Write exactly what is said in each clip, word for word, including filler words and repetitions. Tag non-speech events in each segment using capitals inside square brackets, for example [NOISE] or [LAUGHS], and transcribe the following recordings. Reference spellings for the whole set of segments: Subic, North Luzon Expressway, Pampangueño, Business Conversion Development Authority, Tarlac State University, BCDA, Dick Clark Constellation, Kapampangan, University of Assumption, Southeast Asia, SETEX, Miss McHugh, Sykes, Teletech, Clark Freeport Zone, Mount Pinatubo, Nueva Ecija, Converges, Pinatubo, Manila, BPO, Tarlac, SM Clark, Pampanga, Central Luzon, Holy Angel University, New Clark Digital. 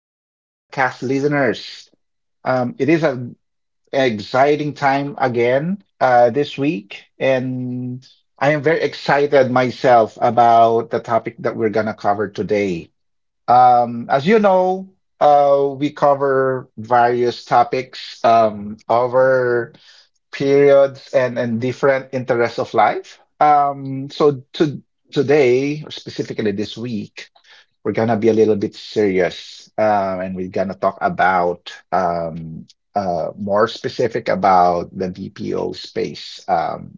dear podcast listeners. Um, it is an exciting time again uh, this week, and I am very excited myself about the topic that we're going to cover today. Um, as you know, uh, we cover various topics um, over periods and and different interests of life. Um, so to today, or specifically this week, we're gonna be a little bit serious, um, and we're gonna talk about um, uh, more specific about the B P O space, um,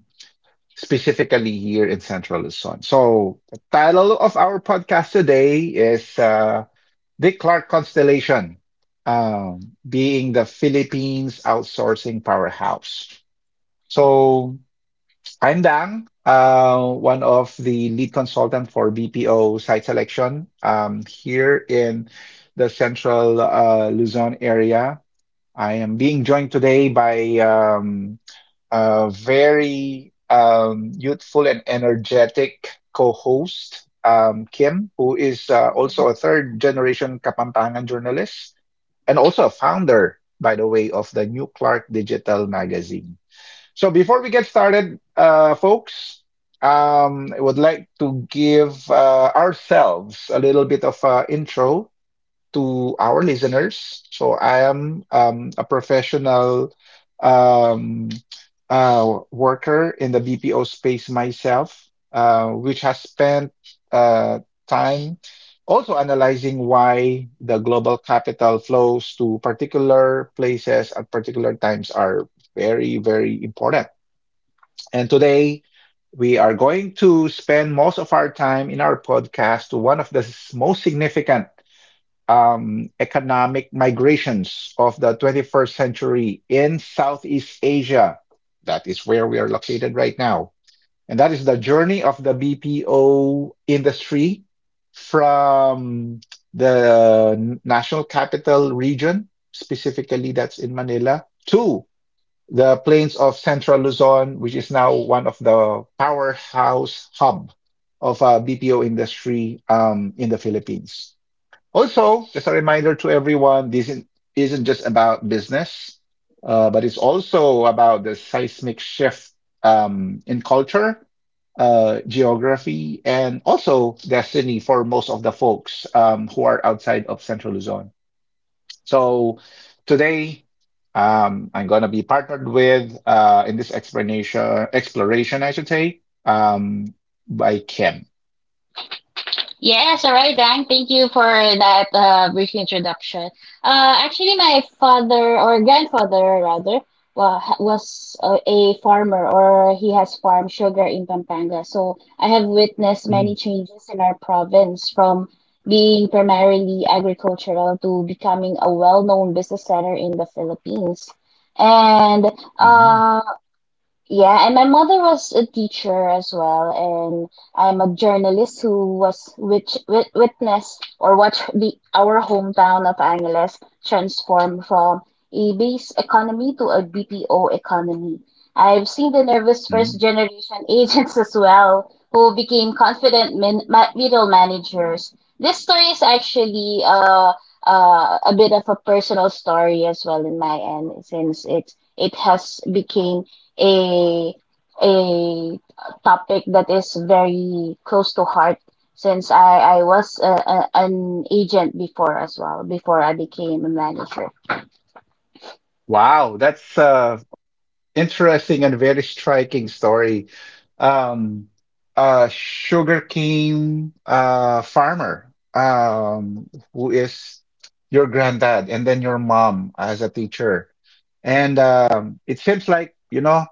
specifically here in Central Luzon. So the title of our podcast today is uh, Dick Clark Constellation. Um, being the Philippines outsourcing powerhouse. So I'm Dang, uh, one of the lead consultant for B P O site selection um, here in the central uh, Luzon area. I am being joined today by um, a very um, youthful and energetic co-host, um, Kim, who is uh, Mhm. also a third generation Kapampangan journalist and also a founder, by the way, of the New Clark Digital magazine. So before we get started, uh, folks, um, I would like to give uh, ourselves a little bit of uh, intro to our listeners. So I am um, a professional um, uh, worker in the B P O space myself, uh, which has spent uh, time also analyzing why the global capital flows to particular places at particular times are very, very important. And today we are going to spend most of our time in our podcast to one of the s- most significant um, economic migrations of the twenty-first century in Southeast Asia. That is where we are located right now. And that is the journey of the B P O industry from the national capital region, specifically that's in Manila, to the plains of Central Luzon, which is now one of the powerhouse hub of uh, B P O industry um, in the Philippines. Also, just a reminder to everyone, this isn't, isn't just about business, uh, but it's also about the seismic shift um, in culture, uh, geography, and also destiny for most of the folks um, who are outside of Central Luzon. So today, um, I'm going to be partnered with uh, in this explanation exploration, I should say, um, by Kim. Yes, all right, Dan. Thank you for that uh, brief introduction. Uh, actually, my father or grandfather, rather, wa- was uh, a farmer or he has farmed sugar in Pampanga. So I have witnessed Mm, many changes in our province from being primarily agricultural to becoming a well-known business center in the Philippines. And mhm, um, yeah, and my mother was a teacher as well, and I'm a journalist who was which wit witness or watched the our hometown of Angeles transform from a base economy to a B P O economy. I've seen the nervous mhm. first generation [LAUGHS] agents as well who became confident min ma middle managers. This story is actually uh, uh, a bit of a personal story as well in my end, since it it has became a a topic that is very close to heart since I, I was a, a, an agent before as well, before I became a manager. Wow, that's uh, interesting and very striking story. Um, a sugarcane uh, farmer um, who is your granddad and then your mom as a teacher. And um, it seems like, you know,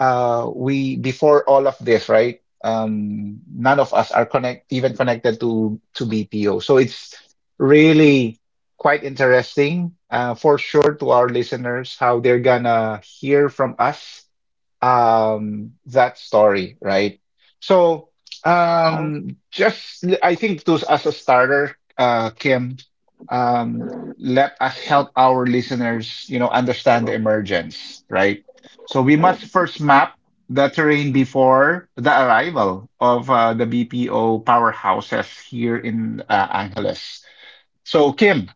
uh, we before all of this, right? Um, none of us are connect even connected to to B P O. So it's really quite interesting uh, for sure to our listeners how they're gonna hear from us um that story, right? So Yeah. um just l- i think to as a starter, uh Kim, um let us help our listeners, you know, understand the emergence, right? So we must first map the terrain before the arrival of uh, the BPO powerhouses here in uh, Angeles. So, Kim,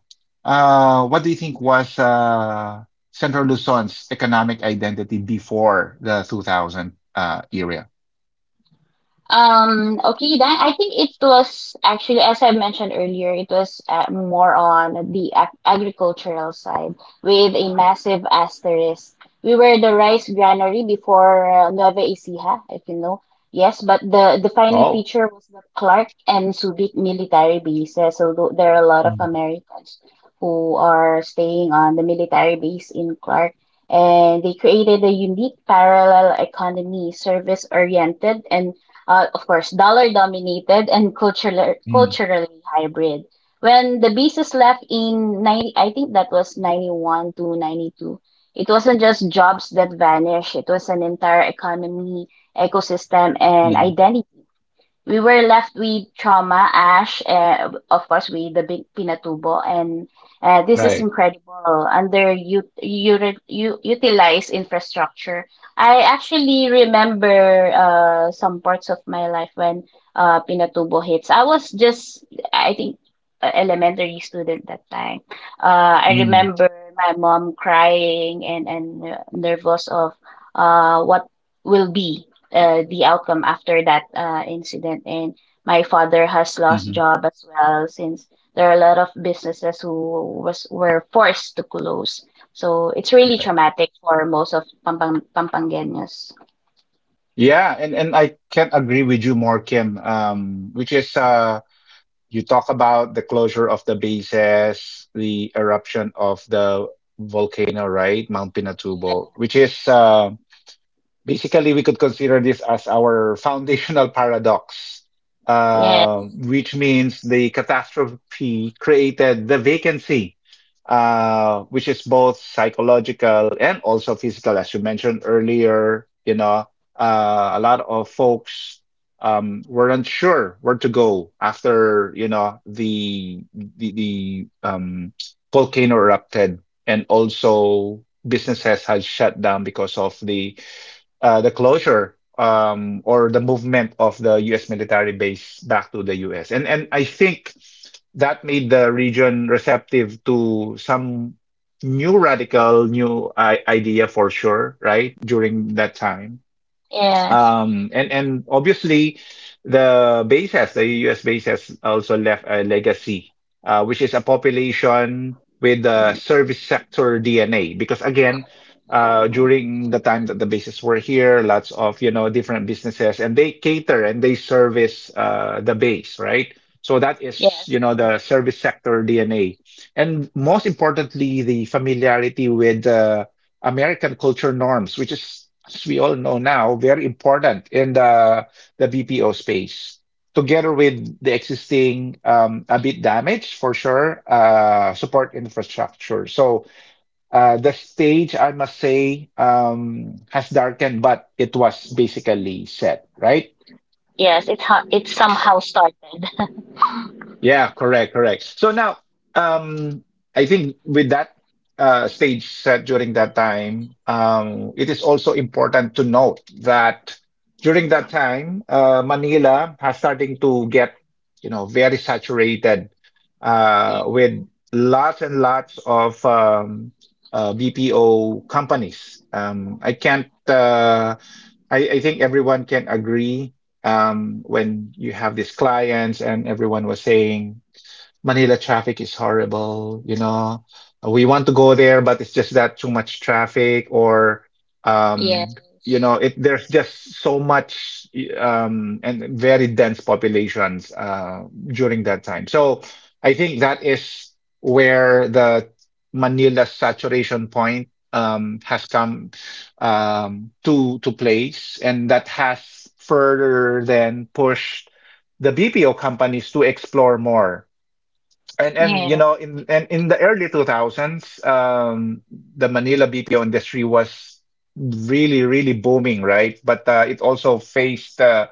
uh, what do you think was uh, Central Luzon's economic identity before the two thousand uh, era? Um, okay, then I think it was actually, as I mentioned earlier, it was uh, more on the ag agricultural side with a massive asterisk. We were the rice granary before uh, Nueva Ecija, if you know. Yes, but the defining Oh. feature was the Clark and Subic military bases. So tho- there are a lot of Mm, Americans who are staying on the military base in Clark, and they created a unique parallel economy, service oriented and, uh, of course, dollar dominated and cultural, mm, culturally hybrid. When the Beasts left in ninety, I think that was ninety-one to ninety-two, it wasn't just jobs that vanished, it was an entire economy, ecosystem, and mm, identity. We were left with Choma, Ash, uh, of course, with the big Pinatubo, and uh, this is right. incredible under you, you, you utilize infrastructure. I actually remember uh, some parts of my life when uh, Pinatubo hits. I was just, I think, a elementary student that time. Uh, I Mm, remember my mom crying and and uh, nervous of uh, what will be uh, the outcome after that uh, incident. And my father has lost mhm, job as well since there are a lot of businesses who was were forced to close. So it's really right. traumatic for most of Pampang Pampangueños. Yeah, and, and I can't agree with you more, Kim, um, which is uh, you talk about the closure of the bases, the eruption of the volcano, right? Mount Pinatubo, which is uh, basically we could consider this as our [LAUGHS] foundational paradox, uh, Yes, which means the catastrophe created the vacancy, uh, which is both psychological and also physical, as you mentioned earlier. You know, uh, a lot of folks um, weren't sure where to go after, you know, the the, the um, volcano erupted, and also businesses had shut down because of the uh, the closure um, or the movement of the U S military base back to the U S. And and I think that made the region receptive to some new radical new I idea for sure, right? During that time. yes, Um, and and obviously, the base has the U S base has also left a legacy, uh, which is a population with the service sector D N A. Because again, uh, during the time that the bases were here, lots of, you know, different businesses, and they cater and they service uh, the base, right? So that is, you yes, know, yes, the service sector D N A, and most importantly, the familiarity with uh, American culture norms, which is, as we all know now, very important in the the B P O space, together with the existing um, a bit damaged for sure, uh, support infrastructure. So uh, the stage, I must say, um, has darkened, but it was basically set, right? yes. It ho- it somehow started. [LAUGHS] Yeah, correct, correct. So now, um, I think with that uh, stage set during that time, um, it is also important to note that during that time, uh, Manila has starting to get, you know, very saturated Yeah. uh, with lots and lots of um, uh, B P O companies. Um, I can't. Uh, I, I think everyone can agree um, when you have these clients and everyone was saying Manila traffic is horrible, you know. We want to go there, but it's just that too much traffic or um you Yes. know, it there's just so much um and very dense populations uh during that time. So I think that is where the Manila saturation point um has come um to to place and that has further then pushed the B P O companies to explore more and and you Yeah. know in and in the early two thousands, um, the Manila B P O industry was really really booming, right? But uh, it also faced uh,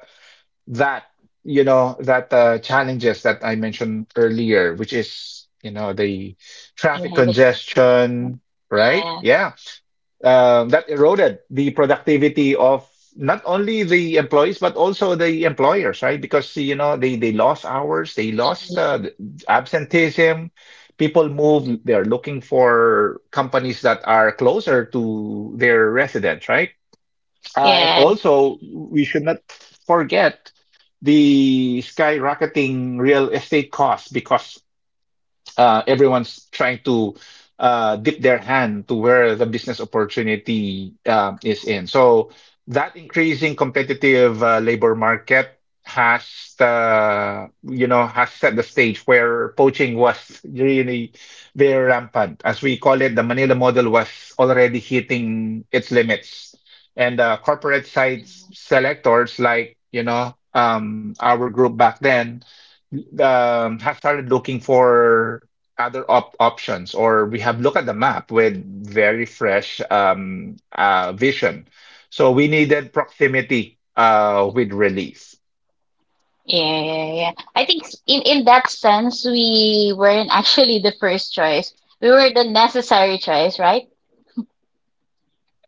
that you know that uh, challenges that I mentioned earlier, which is you know the traffic Yeah. The traffic. congestion, right? Yeah. Yeah um, that eroded the productivity of not only the employees but also the employers, right? Because you know they they lost hours, they E D. lost uh, absenteeism. People move; they're looking for companies that are closer to their residents, right? Uh, and Yes. also, we should not forget the skyrocketing real estate costs because uh, everyone's trying to uh, dip their hand to where the business opportunity uh, is in. So that increasing competitive uh, labor market has uh, you know has set the stage where poaching was really very rampant. As we call it, the Manila model was already hitting its limits, and uh, corporate side Mhm. selectors like you know um, our group back then um, have started looking for other op options, or we have looked at the map with Mhm. very fresh um, uh, vision. So we needed proximity uh, with relief. Yeah, yeah, yeah. I think s- in in that sense, we weren't [LAUGHS] actually the first choice. We were the necessary choice, right?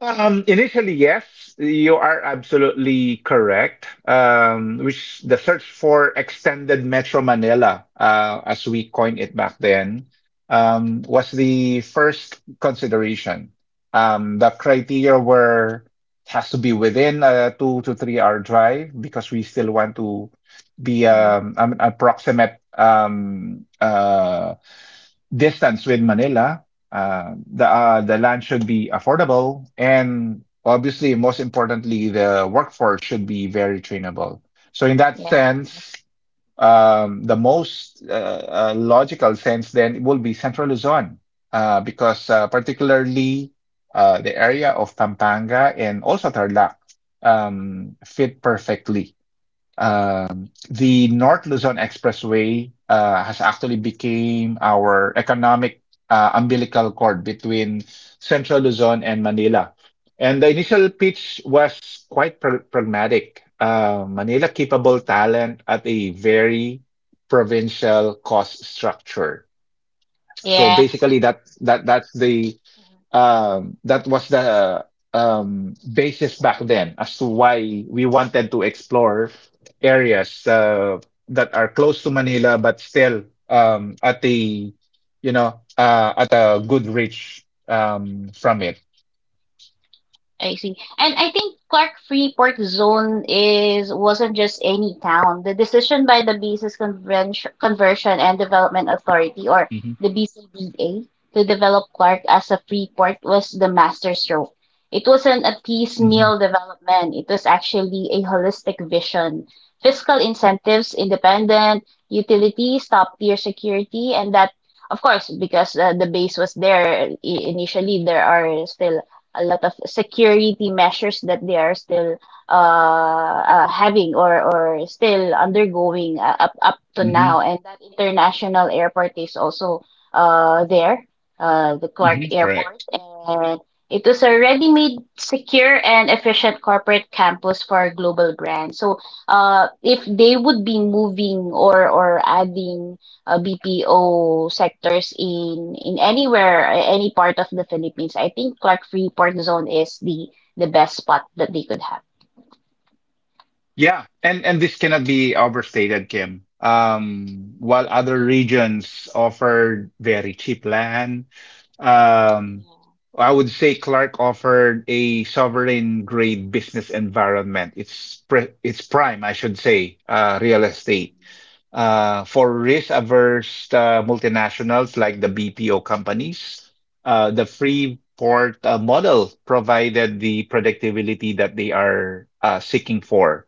Um, initially, yes, you are absolutely correct. Um, which the search for extended Metro Manila, uh, as we coined it back then, um, was the first consideration. Um, the criteria were it has to be within a two to three hour drive because we still want to be Mhm. um, an approximate um, uh, distance with Manila, uh, the uh, the land should be affordable, and obviously, most importantly, the workforce should be very trainable. So, in that Yeah. sense, um, the most uh, uh, logical sense then will be Central Luzon, uh, because uh, particularly uh, the area of Pampanga and also Tarlac um, fit perfectly um, the North Luzon Expressway uh, has actually became our economic uh, umbilical cord between Central Luzon and Manila. And the initial pitch was quite pra- pragmatic. Uh, Manila capable Mhm. talent at a very provincial cost structure. So Yeah. basically, that that that's the um, that was the um, basis back then as to why we wanted to explore areas uh, that are close to Manila but still um, at a you know uh, at a good reach um, from it. I see. And I think Clark Freeport Zone is wasn't just any town. The decision by the Basis Convention, Conversion and Development Authority, or Hmm. the B C D A, to develop Clark as a free port was the masterstroke. It wasn't a Hmm. piecemeal development. It was actually a holistic vision. Fiscal incentives, independent utilities, top tier security, and that, of course, because uh, the base was there. I- initially, there are still a lot of security measures that they are still uh, uh, having or, or still undergoing, uh, up up to Hmm. now. And that international airport is also uh, there, uh, the Clark Hmm. Airport. Correct. And it was a ready-made, secure, and efficient corporate campus for global brands. So uh, if they would be moving or, or adding uh, B P O sectors in in anywhere, uh, any part of the Philippines. I think Clark Freeport Zone is the the best spot that they could have. Yeah, and and this cannot be overstated, Kim. Um, while other regions offered very cheap land, um, I would say Clark offered a sovereign grade business environment. It's pre it's prime, I should say, uh, real estate uh, for risk-averse uh, multinationals like the B P O companies. Uh, the free port uh, model provided the predictability that they are uh, seeking for.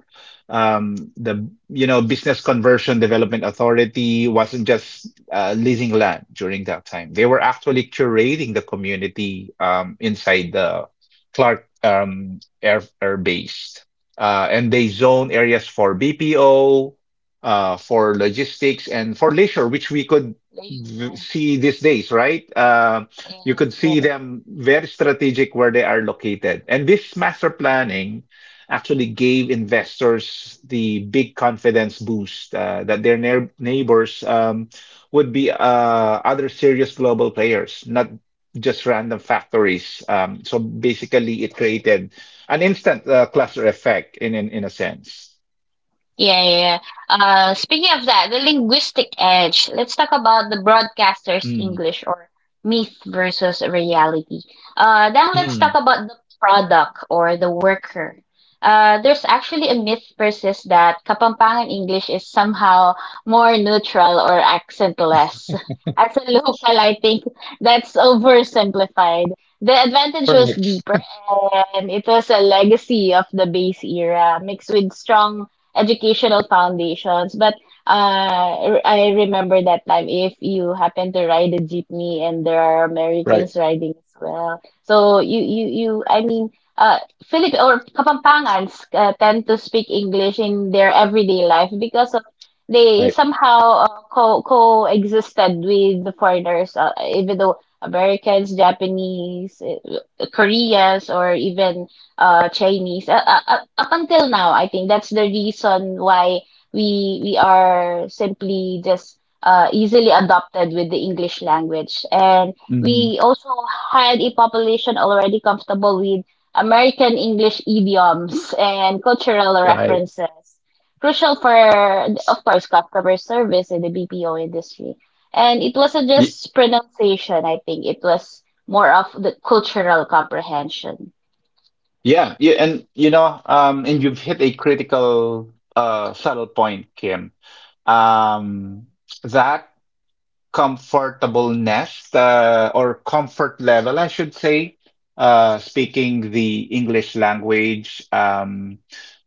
Um, the you know Business Conversion Development Authority wasn't just uh, leasing land during that time. They were actually curating the community um, inside the Clark um, Air Air Base, uh, and they zone areas for B P O uh, for logistics and for leisure, which we could Pleasure. v- see these days, right? Uh, you Yes, could see yes. them very strategic where they are located. And this master planning actually gave investors the big confidence boost uh, that their neigh- neighbors um, would be uh, other serious global players, not just random factories. Um, so basically, it created an instant uh, cluster effect in, in, in a sense. Yeah, yeah. Yeah. Uh, speaking of that, the linguistic edge. Let's talk about the broadcaster's Mm, English or myth versus reality. Uh, then let's talk mm. about the product or the worker. Uh, there's actually a myth persists that Kapampangan English is somehow more neutral or accentless. [LAUGHS] As a local, I think that's oversimplified. The advantage was Correct. deeper, and it was a legacy of the base era mixed with strong educational foundations. But uh, r- I remember that time, if you happen to ride a jeepney and there are Right, Americans riding as well. So you you you I mean, uh Philip or Kapampangans uh, tend to speak English in their everyday life because of, they right. somehow uh, co coexisted with the foreigners, uh, even though Americans, Japanese, uh, Koreans, or even uh, Chinese. Uh, uh, uh, up until now, I think that's the reason why we we are simply just uh, easily adopted with the English language, and Hmm. we also had a population already comfortable with American English idioms and cultural Right. references, crucial for, of course, customer service in the B P O industry. And it wasn't Y- just pronunciation, I think. It was more of the cultural comprehension. Yeah, yeah, and you know, um, and you've hit a critical uh subtle point, Kim. Um, that comfortableness uh, or comfort level, I should say, uh, speaking the English language um,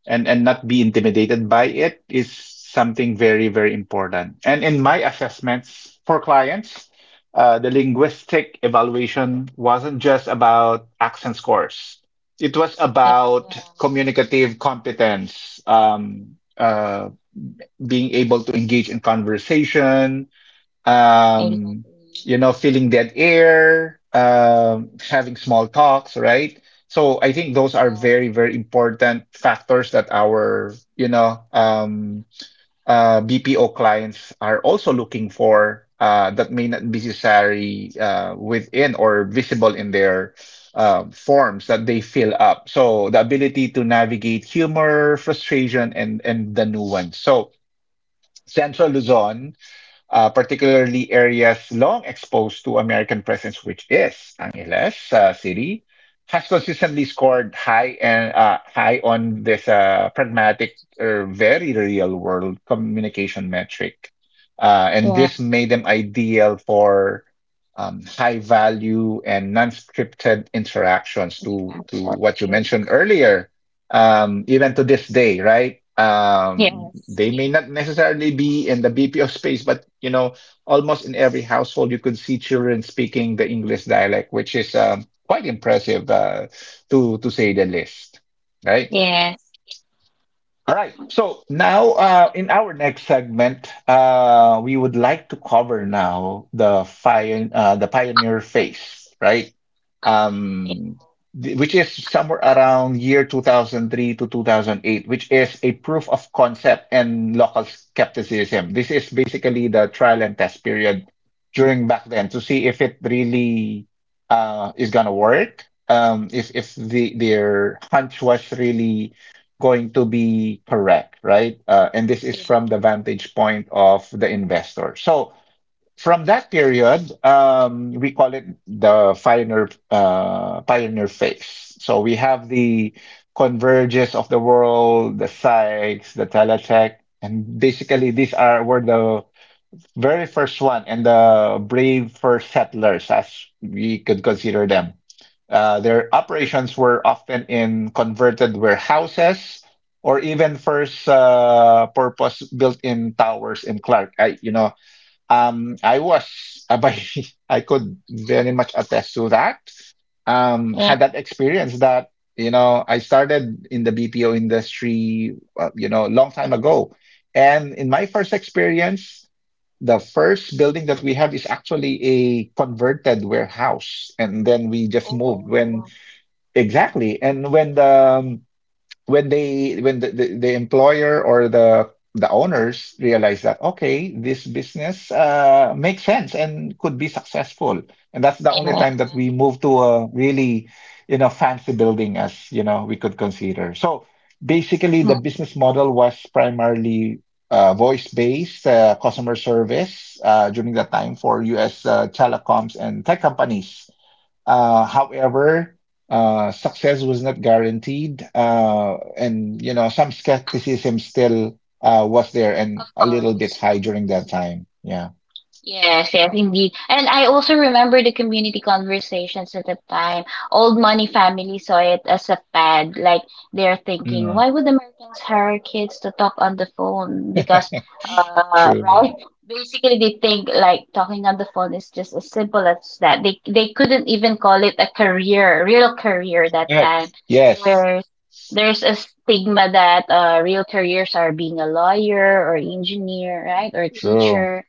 and, and not be intimidated by it is something very, very important. And in my assessments for clients, uh, the linguistic evaluation wasn't just about accent scores. It was about communicative competence, um, uh, being able to engage in conversation, Yeah. um, you know, feeling dead air, um, having small talks, right? So I think those are very, very important factors that our, you know, um, uh, B P O clients are also looking for uh, that may not be necessary uh, within or visible in their um forms that they fill up. So the ability to navigate humor, frustration, and and the nuance. So Central Luzon uh, particularly areas long exposed to American presence, which is Angeles uh, City, has consistently scored high and uh, high on this uh, pragmatic or very real world communication metric. Uh, and Yeah, this made them ideal for um, high value and non-scripted interactions to yeah, to sure. what you mentioned earlier, um, even to this day, right? Yeah. Um, Yes, They may not necessarily be in the B P O space, but you know, almost in every household, you could see children speaking the English dialect, which is um, quite impressive, uh, to to say the least, right? yes, All right. So now, uh, in our next segment, uh, we would like to cover now the fire, uh, the pioneer phase, right? yeah, Um, th- which is somewhere around year two thousand three to two thousand eight, which is a proof of concept and local skepticism. This is basically the trial and test period during back then to see if it really uh, is gonna work. Um, if if the their hunch was really going to be correct, right? Uh, and this is from the vantage point of the investor. So from that period, um, we call it the pioneer uh, pioneer phase. So we have the converges of the world, the Sykes, the Teletech, and basically these are were the very first one, and the brave first settlers, as we could consider them. Uh, their operations were often in converted warehouses or even first uh, purpose built-in towers in Clark. I, you know, um, I was, [LAUGHS] uh, I could very much attest to that. Um, yeah. Had And that experience that, you know, I started in the B P O industry, uh, you know, a long time ago. And in my first experience, the first building that we have is actually a converted warehouse. And then we just moved when, oh, Exactly. And when the, um, when they when the, the, the employer or the the owners realize that okay, this business uh, makes sense and could be successful, and that's the only yeah. time that we move to a really, you know, fancy building, as you know, we could consider. So basically the Mm, business model was primarily uh, voice based uh, customer service uh, during that time for us, uh, telecoms and tech companies. Uh, however, uh, success was not guaranteed, uh, and you know some skepticism still uh, was there of and a little bit course. high during that time. Yeah. Yes, yes, indeed. And I also remember the community conversations at the time. Old money families saw it as a fad. Like, they're thinking, Mm. why would Americans hire kids to talk on the phone? [LAUGHS] Because, uh, True. right? Basically, they think like talking on the phone is just as simple as that. They they couldn't even call it a career, real career that time. Correct. Yes. There's there's a stigma that uh, real careers are being a lawyer or engineer, right, or True. teacher,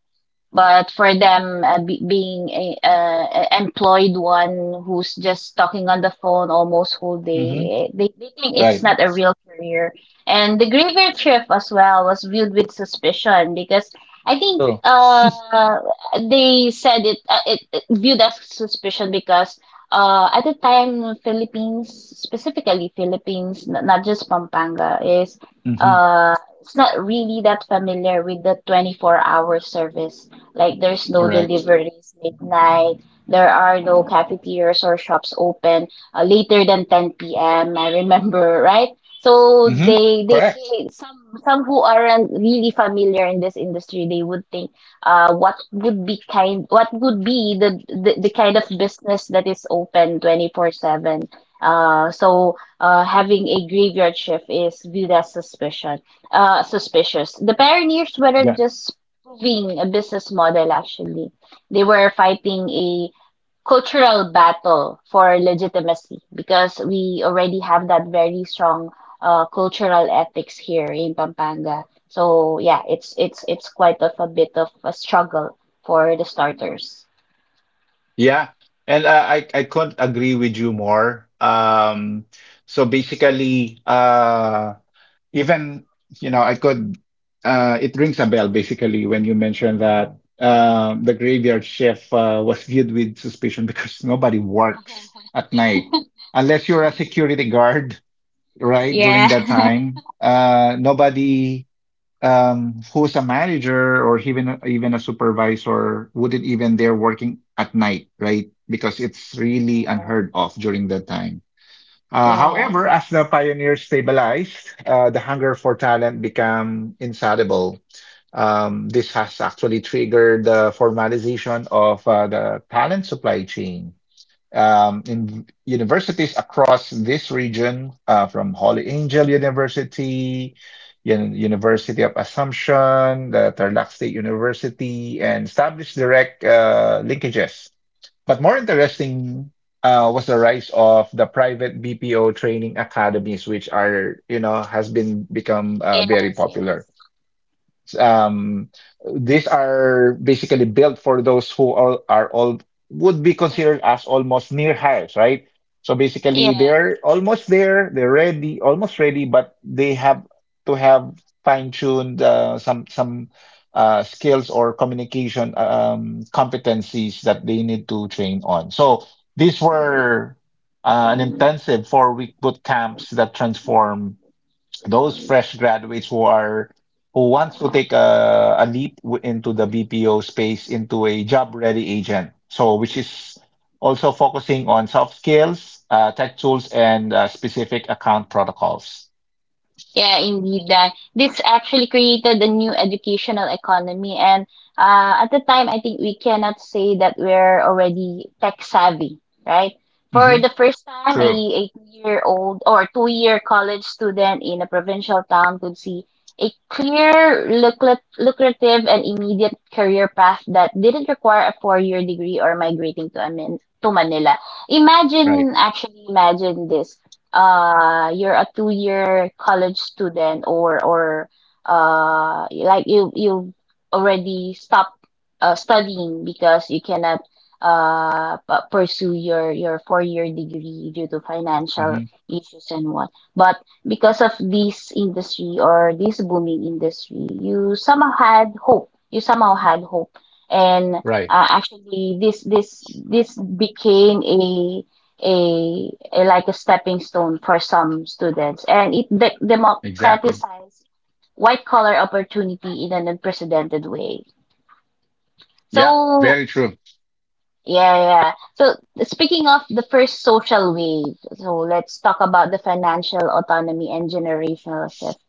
but for them, uh, be being a, uh, employed one who's just talking on the phone almost whole Mm-hmm. day, they, they think it's Right. not a real career. And the graveyard shift as well was viewed with suspicion, because I think True. uh, they said it, uh, it, it viewed as suspicion, because uh, at the time, Philippines, specifically Philippines, n- not just Pampanga, is, Mm-hmm. uh, it's not really that familiar with the twenty-four-hour service. Like, there's no Correct. deliveries midnight. There are no cafeterias or shops open uh, later than ten p m, I remember, right? So Mm-hmm. they, they Correct. they some, some who aren't really familiar in this industry, they would think, uh what would be kind, what would be the the, the kind of business that is open twenty-four seven. Uh, so uh, having a graveyard shift is viewed as suspicion uh, suspicious. The pioneers weren't Yeah. just proving a business model actually. They were fighting a cultural battle for legitimacy because we already have that very strong uh, cultural ethics here in Pampanga. So yeah, it's it's it's quite of a bit of a struggle for the starters. Yeah. And uh, I I couldn't agree with you more. Um. So basically. Uh. Even, you know, I could, uh, it rings a bell basically when you mentioned that uh, the graveyard shift uh, was viewed with suspicion because nobody [LAUGHS] works at night unless you're a security guard, right? Yeah. During that [LAUGHS] time, uh, nobody um, who's a manager or even even a supervisor wouldn't even dare working at night, right? Because it's really unheard of during that time. Uh, Yeah. However, as the pioneers stabilized, uh, the hunger for talent became insatiable. Um, this has actually triggered the formalization of uh, the talent supply chain um, in universities across this region, uh, from Holy Angel University, Yan- University of Assumption, the Tarlac State University, and established direct uh, linkages. But more interesting uh, was the rise of the private B P O training academies, which are, you know, has been become uh, very Yes, yes. popular. Um, these are basically built for those who all are all would be considered as almost near hires, right? So basically, they're almost there, they're ready, almost ready, but they have to have fine-tuned uh, some some uh, skills or communication um, competencies that they need to train on. So these were uh, an intensive four-week boot camps that transform those fresh graduates who are who wants to take a, a leap w- into the B P O space into a job ready agent. So which is also focusing on soft skills, uh, tech tools, and uh, specific account protocols. Yeah, indeed, Dan. This actually created a new educational economy, and uh, at the time, I think we cannot say that we're already tech savvy, right? For Hmm. the first time, a, True. a two-year-old or two-year college student in a provincial town could see a clear, lucrat- lucrative, and immediate career path that didn't require a four-year degree or migrating to, Amin- to Manila. Right. Imagine, actually, imagine this. Uh you're a two year college student, or or uh like you you already stopped uh, studying because you cannot uh p- pursue your your four year degree due to financial Hmm. issues and what, but because of this industry or this booming industry, you somehow had hope. You somehow had hope and Right. uh, actually, this this this became a a, a like a stepping stone for some students, and it de- Exactly. democratized white collar opportunity in an unprecedented way. Yeah. So Very true. yeah, yeah. So, speaking of the first social wave, so let's talk about the financial autonomy and generational shift.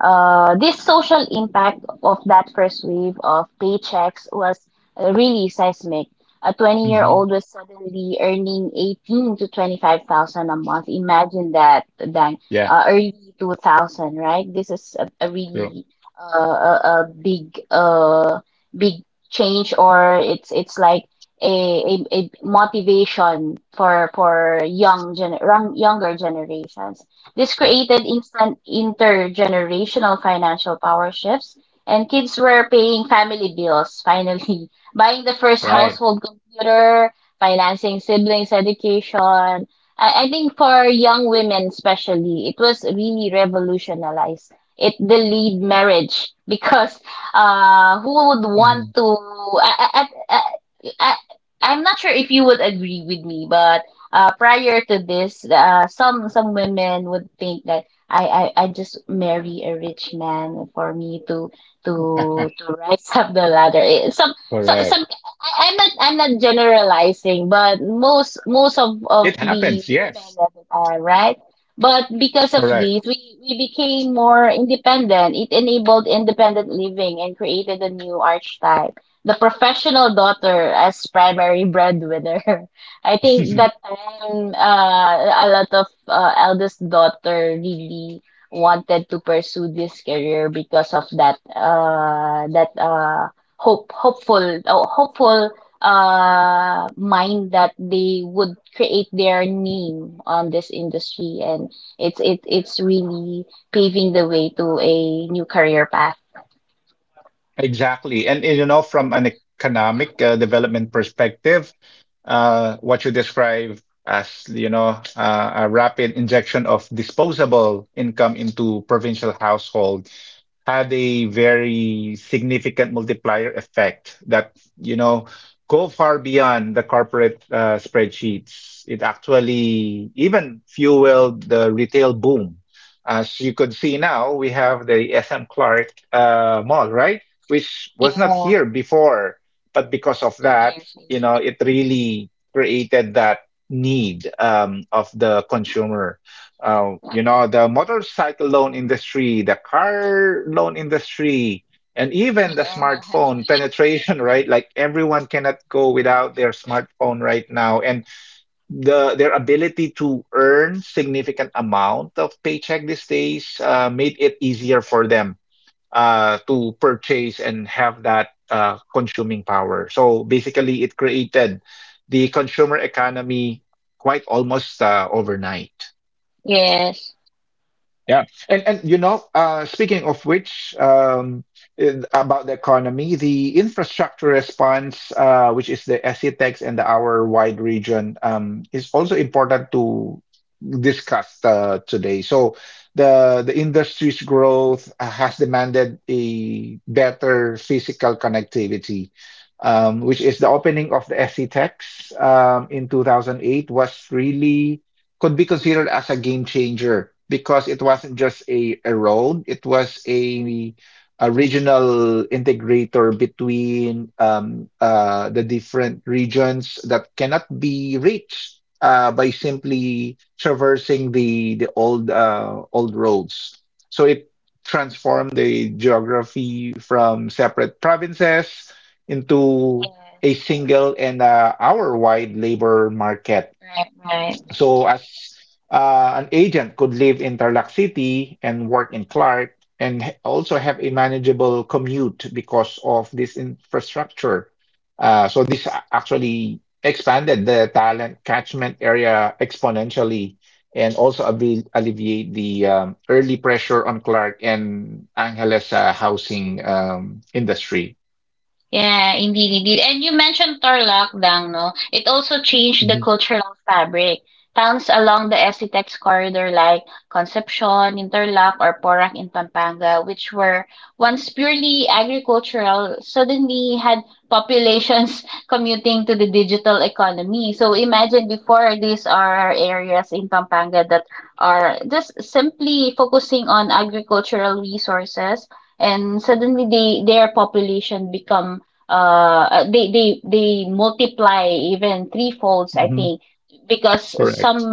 Uh, this social impact of that first wave of paychecks was uh, really seismic. A Hmm. twenty-year-old was suddenly earning eighteen to twenty-five thousand a month. Imagine that, Dang, Yeah. uh, early two thousand, right? This is a, a True. really, uh, a, a big uh big change, or it's it's like a, a, a motivation for for young gen, young- younger generations. This True. created instant intergenerational financial power shifts, and kids were paying family bills finally, [LAUGHS] buying the first Right. household computer, financing siblings' education. I, I think for young women especially, it was really revolutionized. It delayed marriage. [LAUGHS] Because uh, who would Hmm. want to? I, I, I, I'm not sure if you would agree with me, but uh, prior to this, uh, some some women would think that I, I, I just marry a rich man for me to to to rise up the ladder. Eh, Some some Correct. Some, I, I'm not I'm not generalizing, but most most of, of It the happens. women Yes. that are, right. But because of Correct. this, we, we became more independent. It enabled independent living and created a new archetype, the professional daughter as primary breadwinner. [LAUGHS] I think that time, uh, a lot of uh, eldest daughter really wanted to pursue this career because of that, uh, that uh, hope hopeful oh, hopeful uh mind, that they would create their name on this industry, and it's it it's really paving the way to a new career path. Exactly. And you know, from an economic uh, development perspective, uh, what you describe as, you know, uh, a rapid injection of disposable income into provincial households had a Yeah. very significant multiplier effect that, you know, go far beyond the corporate uh, spreadsheets. It actually even fueled the retail boom. As you could see now, we have the S M Clark uh, Mall, right? Which was not Yeah. here before, but because of that, Yes. you know, it really created that need, um, of the consumer, uh, you know, the motorcycle loan industry, the car loan industry, and even the Yeah. smartphone penetration, [LAUGHS] right? Like everyone cannot go without their smartphone right now, and the their ability to earn significant amount of paycheck these days uh, made it easier for them uh, to purchase and have that uh, consuming power. So basically, it created the consumer economy quite almost uh, overnight. Yes, Yeah, and and you know, uh, speaking of which, um, in- about the economy, the infrastructure response, uh, which is the SETEX and the hour-wide region, um, is also important to discuss uh, today. So the the industry's growth has demanded a better physical connectivity, um, which is the opening of the SETEX um, in two thousand eight was really could be considered as a game changer because it wasn't just a, a road, it was a, a regional integrator between um, uh, the different regions that cannot be reached uh, by simply traversing the the old uh, old roads. So it transformed the geography from separate provinces into a yes. single and uh, hour-wide labor market, Right, right. so, as uh, an agent could live in Tarlac City and work in Clark and h- also have a manageable commute because of this infrastructure. Uh, so, this a- actually expanded the talent catchment area exponentially and also abli- alleviate the um, early pressure on Clark and Angeles uh, housing um, industry. Yeah, indeed, indeed. And you mentioned Tarlac lang, no? Mhm. Mhm. Correct.